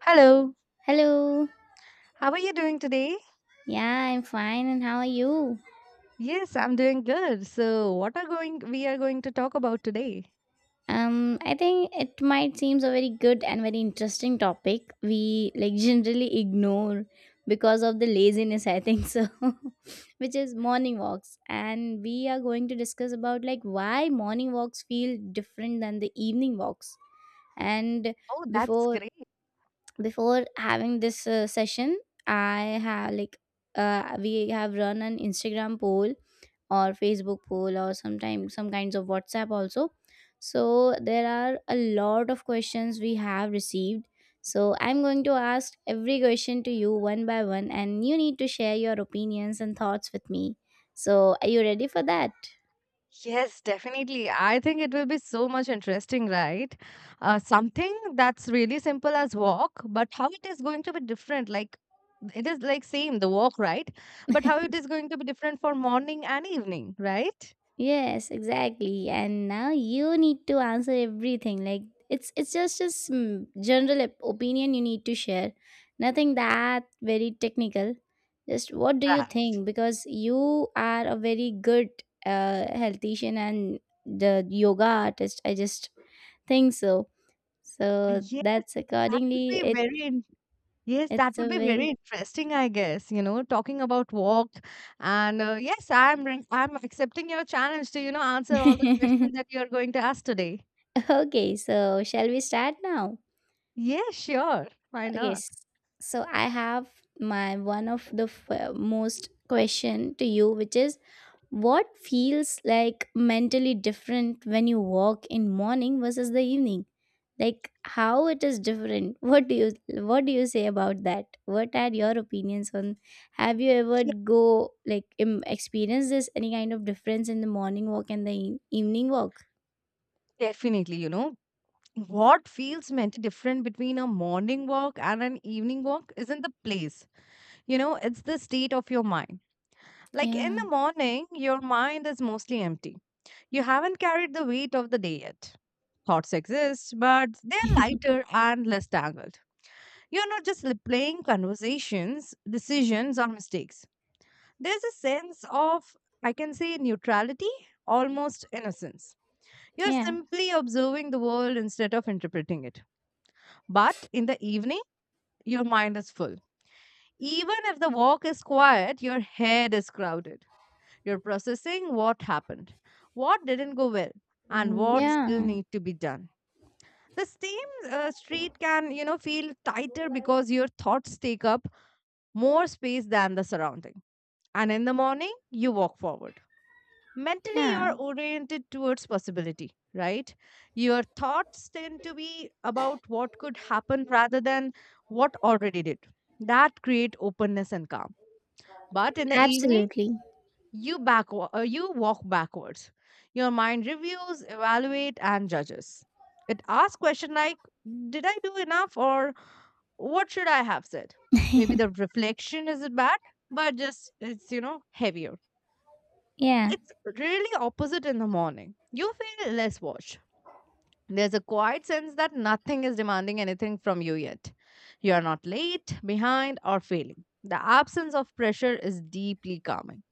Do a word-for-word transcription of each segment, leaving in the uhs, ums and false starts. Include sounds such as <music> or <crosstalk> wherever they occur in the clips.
Hello. Hello. How are you doing today? Yeah, I'm fine. And how are you? Yes, I'm doing good. So, what are going we are going to talk about today? Um, I think it might seems a very good and very interesting topic we like generally ignore because of the laziness, I think so, <laughs> which is morning walks. And we are going to discuss about like why morning walks feel different than the evening walks. And Oh, that's before great. before having this uh, session, I have like uh, we have run an Instagram poll or Facebook poll or sometimes some kinds of WhatsApp also. So there are a lot of questions we have received, so I'm going to ask every question to you one by one and you need to share your opinions and thoughts with me. So are you ready for that? Yes, definitely. I think it will be so much interesting, right? Uh, something that's really simple as walk, but how it is going to be different, like it is like same the walk, right? But how it is going to be different for morning and evening, right? Yes, exactly. And now you need to answer everything. Like, it's it's just a sm- general op- opinion you need to share. Nothing that very technical. Just what do you Right. think? Because you are a very good uh, healthician and the yoga artist. I just think so. So Yes, that's that would accordingly. be It very Yes, that it's a would be very very interesting, I guess, you know, talking about walk. And uh, yes, I'm re- I'm accepting your challenge to, you know, answer all the questions that <laughs> you're going to ask today. okay. So shall we start now? Yeah, sure. Why not? Yes. So I have my one of the f- uh, most question to you, which is what feels like mentally different when you walk in morning versus the evening? Like how it is different? <laughs> What do you what do you say about that? What are your opinions on? Have you ever Yeah, go like Im- experience this any kind of difference in the morning walk and the e- evening walk? definitely, you know. What feels meant different between a morning walk and an evening walk isn't the place. You know, it's the state of your mind. Like in Yeah. the morning, your mind is mostly empty. You haven't carried the weight of the day yet. Thoughts exist, but they're <laughs> lighter and less tangled. You're not just replaying conversations, decisions, or mistakes. There's a sense of, I can say, neutrality, almost innocence. You're Yeah. simply observing the world instead of interpreting it. But in the evening, your mind is full. Even if the walk is quiet, your head is crowded. You're processing what happened, what didn't go well, and what still Yeah. need to be done. The same uh, street can, you know, feel tighter because your thoughts take up more space than the surrounding. And in the morning, you walk forward. Mentally, you Yeah. are oriented towards possibility, right? Your thoughts tend to be about what could happen rather than what already did. That create openness and calm. But in the evening, Absolutely. you back uh, you walk backwards. Your mind reviews, evaluate, and judges. It asks question like, "Did I do enough?" or what should I have said? Maybe the reflection isn't bad, but just it's, you know, heavier. Yeah. It's really opposite in the morning. You feel less watched. There's a quiet sense that nothing is demanding anything from you yet. You are not late, behind, or failing. The absence of pressure is deeply calming.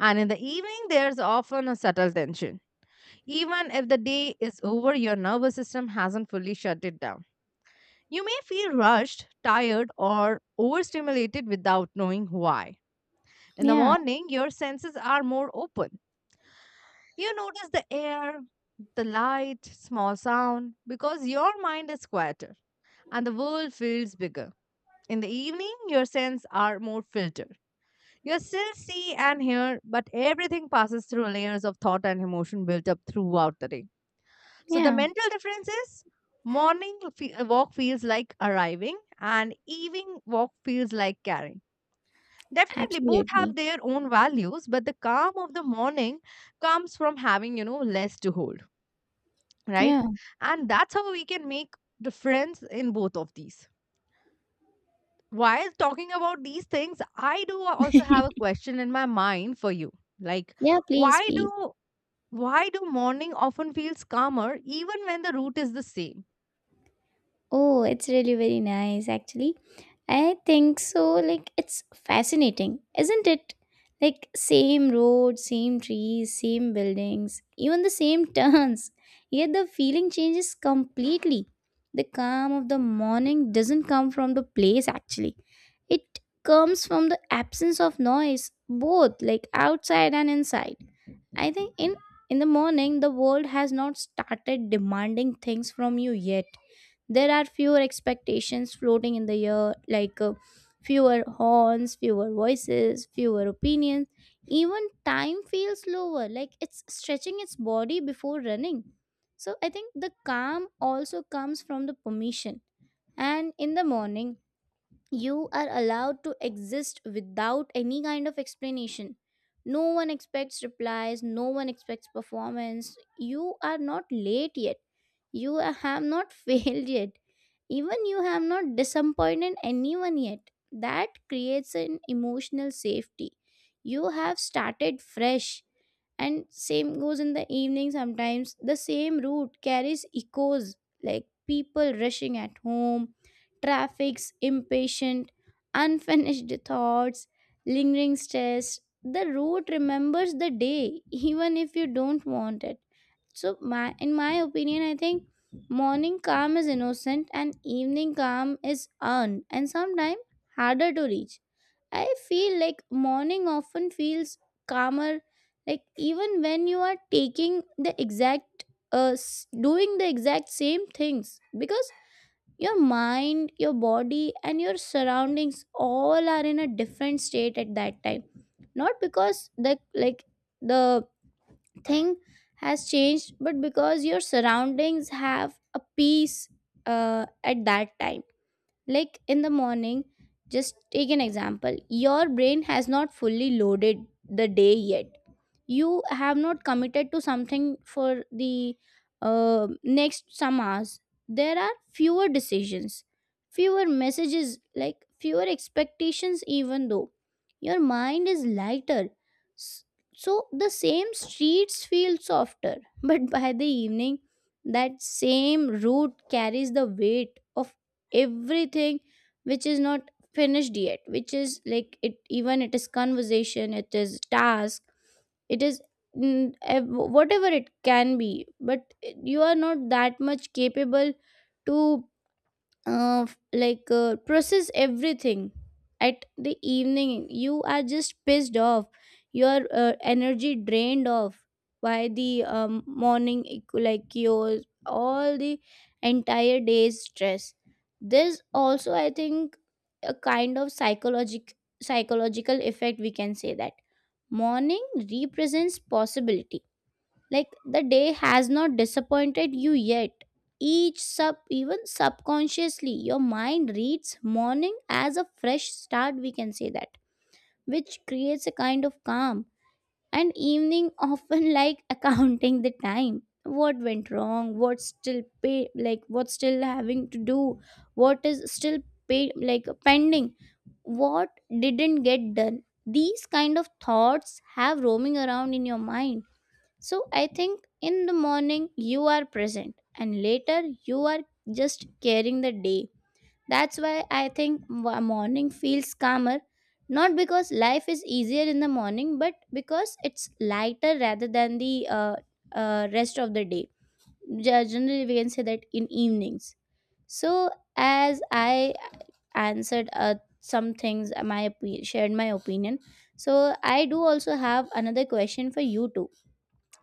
And in the evening, there's often a subtle tension. Even if the day is over, your nervous system hasn't fully shut it down. You may feel rushed, tired, or overstimulated without knowing why. In the Yeah, morning, your senses are more open. You notice the air, the light, small sound, because your mind is quieter and the world feels bigger. In the evening, your senses are more filtered. You still see and hear, but everything passes through layers of thought and emotion built up throughout the day. So the yeah, mental difference is morning fe- uh, walk feels like arriving and evening walk feels like carrying. Definitely, both have absolutely. their own values, but the calm of the morning comes from having, you know, less to hold, right? Yeah. And that's how we can make difference in both of these. While talking about these things, I do also have a <laughs> question in my mind for you. Like, Yeah, please, why please. do why do morning often feels calmer even when the route is the same? Oh, it's really very nice, actually. I think so. Like, it's fascinating, isn't it? Like, same road, same trees, same buildings, even the same <laughs> turns. Yet the feeling changes completely. The calm of the morning doesn't come from the place, actually. It comes from the absence of noise, both like outside and inside. I think in in the morning the world has not started demanding things from you yet. There are fewer expectations floating in the air, like uh, fewer horns, fewer voices, fewer opinions. Even time feels slower, like it's stretching its body before running. So I think the calm also comes from the permission. And in the morning, you are allowed to exist without any kind of explanation. No one expects replies, no one expects performance. You are not late yet, you have not <laughs> failed yet, even you have not disappointed anyone yet. That creates an emotional safety. You have started fresh. And same goes in the evening. Sometimes the same route carries echoes, like people rushing at home, traffic's impatient, unfinished thoughts, lingering stress. The road remembers the day, even if you don't want it. So, my, in my opinion, I think morning calm is innocent and evening calm is earned and sometimes harder to reach. I feel like morning often feels calmer, like even when you are taking the exact, uh, s- doing the exact same things because your mind, your body and your surroundings all are in a different state at that time. Not because the like the thing has changed, but because your surroundings have a peace uh, at that time. Like in the morning, just take an example, your brain has not fully loaded the day yet. You have not committed to something for the uh, next some hours. There are fewer decisions, fewer messages, like fewer expectations, even though your mind is lighter. S- so the same streets feel softer, <laughs> but by the evening, that same route carries the weight of everything which is not finished yet, which is, like, it, even it is conversation, it is task, it is mm, ev- whatever it can be. But you are not that much capable to uh, f- like uh, process everything. At the evening, you are just pissed off, your uh, energy drained off by the um, morning equ- like your all the entire day's stress. There's also, I think, a kind of psychologic psychological effect, we can say that. Morning represents possibility. Like the day has not disappointed you yet. Each sub, even subconsciously, your mind reads morning as a fresh start, we can say that, which creates a kind of calm. And evening often like <laughs> accounting the time. What went wrong? What's still pay, like what's still having to do? What is still pay, like pending? What didn't get done, these kind of thoughts have roaming around in your mind. So I think in the morning you are present and later you are just carrying the day. That's why I think wa- morning feels calmer, not because life is easier in the morning, but because it's lighter rather than the uh, uh, rest of the day. Ge- generally we can say that in evenings. So as I answered uh, some things, uh, my opi- shared my opinion. So I do also have another question for you too.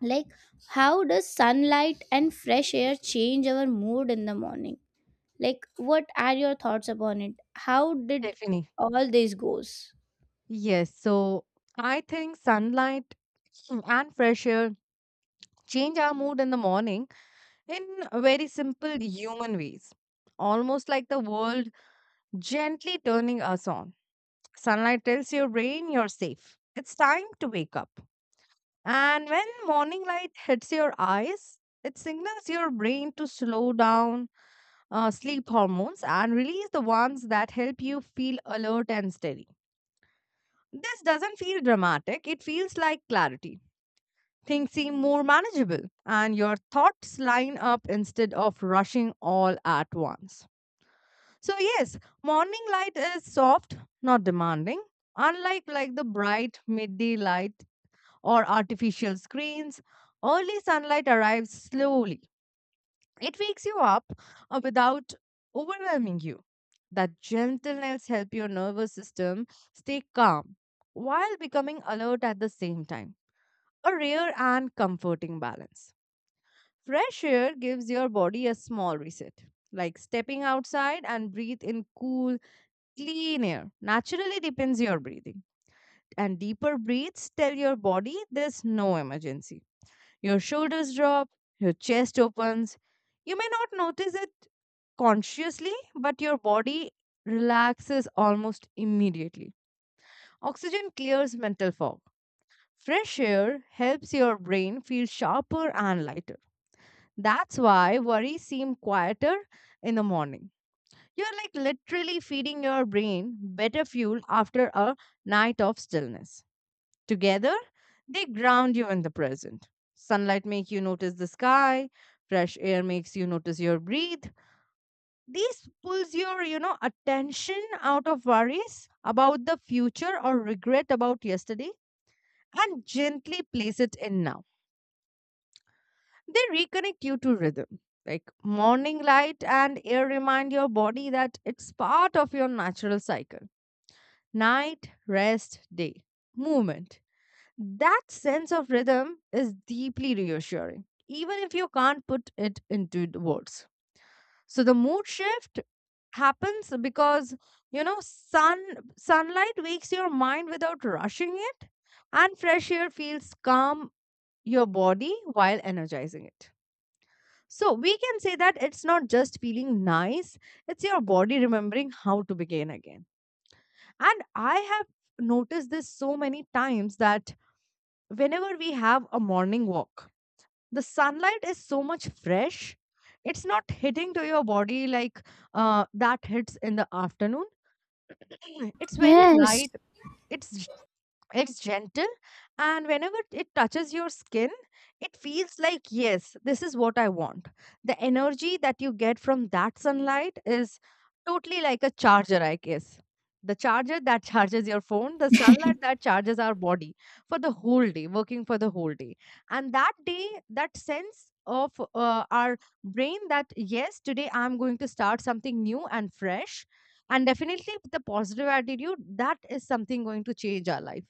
Like, how does sunlight and fresh air change our mood in the morning? Like, what are your thoughts upon it? How did Definitely. all this goes? Yes, so I think sunlight <sniffs> <clears throat> and fresh air change our mood in the morning in very simple human ways, almost like the world gently turning us on. Sunlight tells your brain you're safe. It's time to wake up. And when morning light hits your eyes, it signals your brain to slow down uh, sleep hormones and release the ones that help you feel alert and steady. This doesn't feel dramatic, it feels like clarity. Things seem more manageable and your thoughts line up instead of rushing all at once. So yes, morning light is soft, not demanding, unlike like the bright midday light or artificial screens. Early sunlight arrives slowly. It wakes you up uh, without overwhelming you. That gentleness helps your nervous system stay calm while becoming alert at the same time, a rare and comforting balance. Fresh air gives your body a small reset. Like stepping outside and breathe in cool, clean air naturally depends your breathing. And deeper breaths tell your body there's no emergency. Your shoulders drop, your chest opens. You may not notice it consciously, but your body relaxes almost immediately. Oxygen clears mental fog. Fresh air helps your brain feel sharper and lighter. That's why worries seem quieter in the morning. You're like literally feeding your brain better fuel after a night of stillness. Together, they ground you in the present. Sunlight makes you notice the sky, fresh air makes you notice your breathe. This pulls your, you know, attention out of worries about the future or regret about yesterday and gently place it in now. They reconnect you to rhythm. Like morning light and air remind your body that it's part of your natural cycle. Night, rest, day, movement. That sense of rhythm is deeply reassuring, even if you can't put it into the words. So the mood shift happens because, you know, sun sunlight wakes your mind without rushing it and fresh air feels calm your body while energizing it. So we can say that it's not just feeling nice, it's your body remembering how to begin again. And I have noticed this so many times that whenever we have a morning walk, the sunlight is so much fresh. It's not hitting to your body like uh, that hits in the afternoon. <clears throat> It's very Yes. light. It's It's gentle, and whenever it touches your skin, it feels like, yes, this is what I want. The energy that you get from that sunlight is totally like a charger, I guess. The charger that <laughs> charges your phone, the sunlight that charges our body for the whole day, working for the whole day. And that day, that sense of uh, our brain that, yes, today I'm going to start something new and fresh. And definitely, with the positive attitude, that is something going to change our life,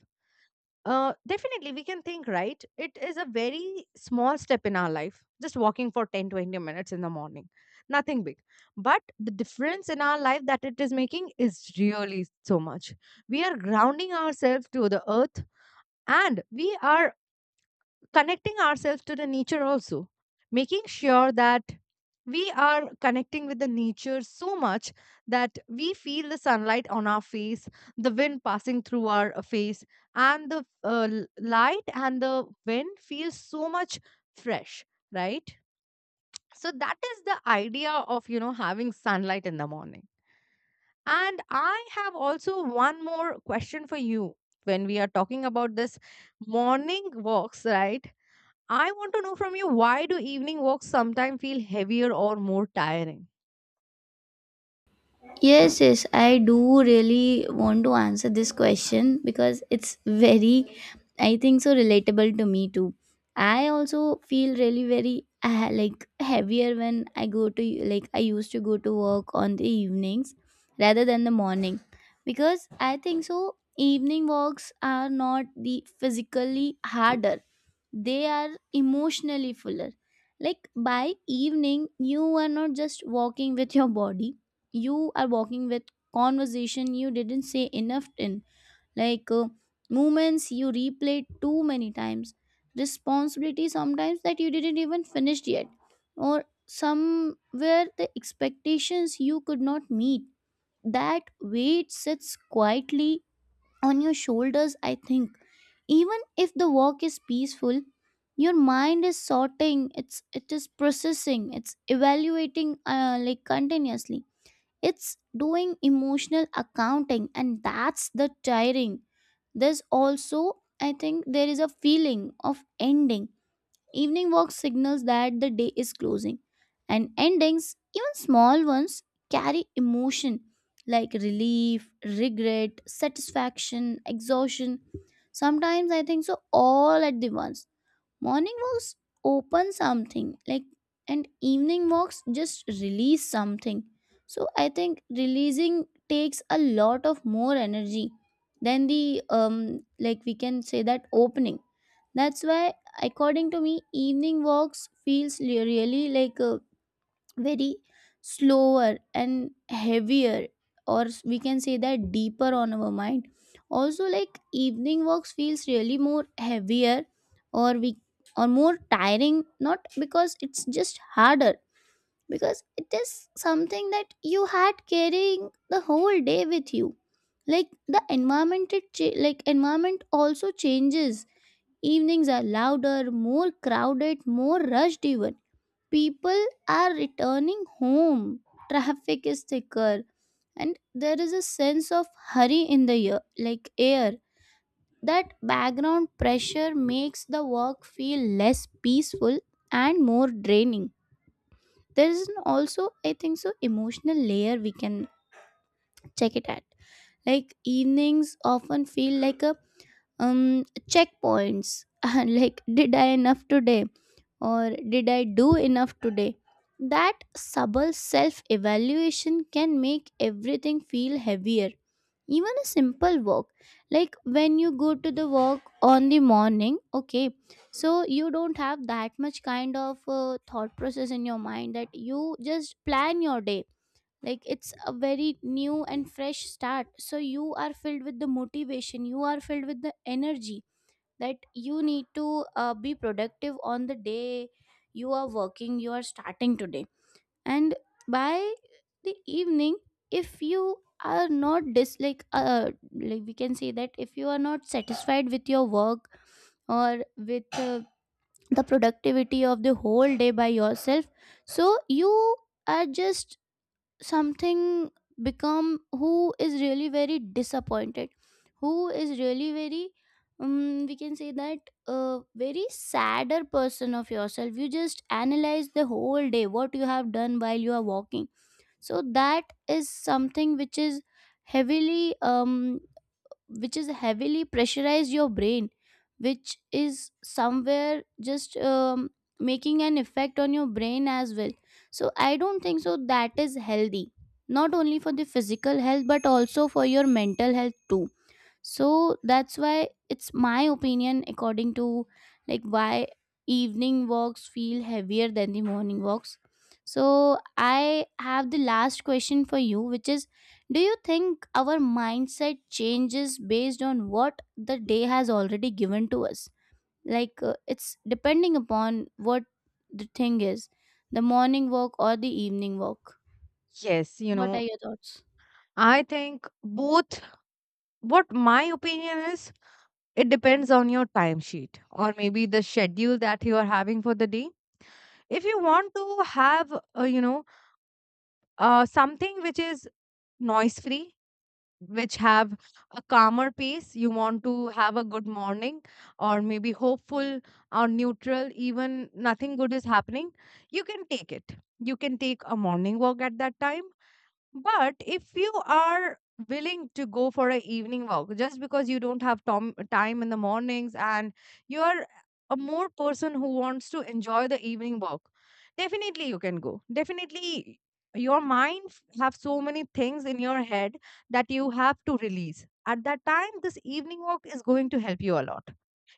uh, definitely, we can think, right? It is a very small step in our life, just walking for ten to twenty minutes in the morning, nothing big. But the difference in our life that it is making is really so much. We are grounding ourselves to the earth and we are connecting ourselves to the nature also, making sure that we are connecting with the nature so much that we feel the sunlight on our face, the wind passing through our uh, face, and the uh, l- light and the wind feels so much fresh, right? So that is the idea of, you know, having sunlight in the morning. And I have also one more question for you. When we are talking about this morning walks, right, I want to know from you, why do evening walks sometimes feel heavier or more tiring? Yes, yes, I do really want to answer this question because it's very, I think so relatable to me too. I also feel really very uh, like heavier when I go to like I used to go to work on the evenings rather than the morning because I think so evening walks are not the physically harder, they are emotionally fuller. Like by evening you are not just walking with your body, you are walking with conversation you didn't say enough in, like uh, moments you replayed too many times, responsibility sometimes that you didn't even finish yet, or somewhere the expectations you could not meet. That weight sits quietly on your shoulders, I think. Even if the walk is peaceful, your mind is sorting, it's it is processing, it's evaluating, uh, like continuously. It's doing emotional accounting, and that's the tiring. There's also, I think, there is a feeling of ending. Evening walk signals that the day is closing, and endings, even small ones, carry emotion like relief, regret, satisfaction, exhaustion. Sometimes I think so, all at the once. Morning walks open something like, and evening walks just release something. So I think releasing takes a lot of more energy than the um like we can say that opening. That's why according to me evening walks feels really like uh, very slower and heavier, or s- we can say that deeper on our mind. Also, like, evening walks feels really more heavier or we or more tiring, not because it's just harder, because it is something that you had carrying the whole day with you. Like the environment, it cha- like environment also changes. Evenings are louder, more crowded, more rushed. Even people are returning home, traffic is thicker, and there is a sense of hurry in the year, like air. That background pressure makes the work feel less peaceful and more draining. There is an also, I think so, emotional layer we can check it at. Like evenings often feel like a um checkpoints. <laughs> Like did I enough today, or did I do enough today? That subtle self evaluation can make everything feel heavier, even a simple walk. Like when you go to the walk on the morning, okay, so you don't have that much kind of uh, thought process in your mind, that you just plan your day. Like it's a very new and fresh start, so you are filled with the motivation, you are filled with the energy that you need to uh, be productive on the day. You are working, you are starting today. And by the evening, if you are not dislike uh, like we can say that if you are not satisfied with your work, or with uh, the productivity of the whole day by yourself, so you are just something become who is really very disappointed, who is really very, um, we can say that, a very sadder person of yourself. You just analyze the whole day what you have done while you are walking. So that is something which is heavily um which is heavily pressurize your brain, which is somewhere just um, making an effect on your brain as well. So I don't think so that is healthy, not only for the physical health but also for your mental health too. So that's why it's my opinion according to, like, why evening walks feel heavier than the morning walks. So I have the last question for you, which is, do you think our mindset changes based on what the day has already given to us? Like uh, it's depending upon what the thing is, the morning walk or the evening walk? Yes, you What are know, your thoughts? I think both. What my opinion is, it depends on your timesheet or maybe the schedule that you are having for the day. If you want to have, uh, you know, uh, something which is noise free, which have a calmer pace, you want to have a good morning or maybe hopeful or neutral, even nothing good is happening, you can take it. You can take a morning walk at that time, but if you are willing to go for an evening walk just because you don't have tom- time in the mornings and you are a more person who wants to enjoy the evening walk, definitely you can go. Definitely your mind f- have so many things in your head that you have to release. At that time, this evening walk is going to help you a lot.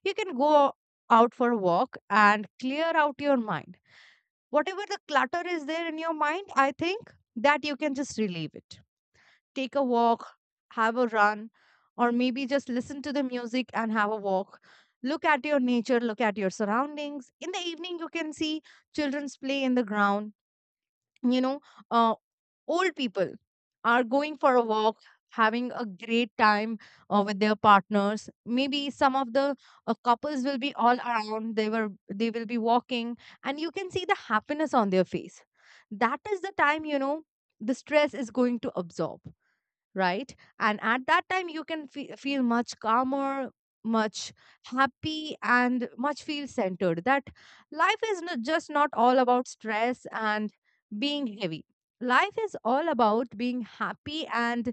You can go out for a walk and clear out your mind. Whatever the clutter is there in your mind, I think that you can just relieve it, take a walk, have a run, or maybe just listen to the music and have a walk. Look at your nature, look at your surroundings. In the evening, you can see children's play in the ground. You know, uh, old people are going for a walk, having a great time uh, with their partners. Maybe some of the uh, couples will be all around. They were they will be walking, and you can see the happiness on their face. That is the time, you know, the stress is going to absorb, right? And at that time, you can fe- feel much calmer, much happy, and much feel centered. That life is not, just not all about stress and being heavy. Life is all about being happy, and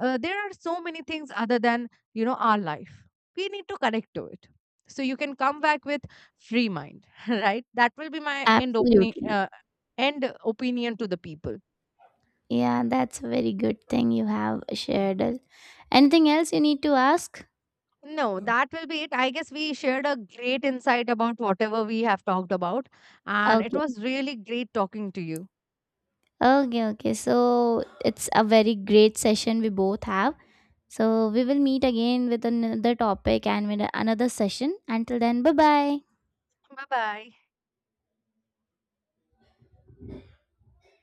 uh, there are so many things other than, you know, our life. We need to connect to it. So you can come back with free mind, <laughs> right? That will be my end opening, Absolutely. uh, end opinion to the people. Yeah, that's a very good thing you have shared. Anything else you need to ask? No, that will be it. I guess we shared a great insight about whatever we have talked about, and it Okay. was really great talking to you. Okay, okay. So it's a very great session we both have. So we will meet again with another topic and with another session. Until then, bye bye. Bye bye.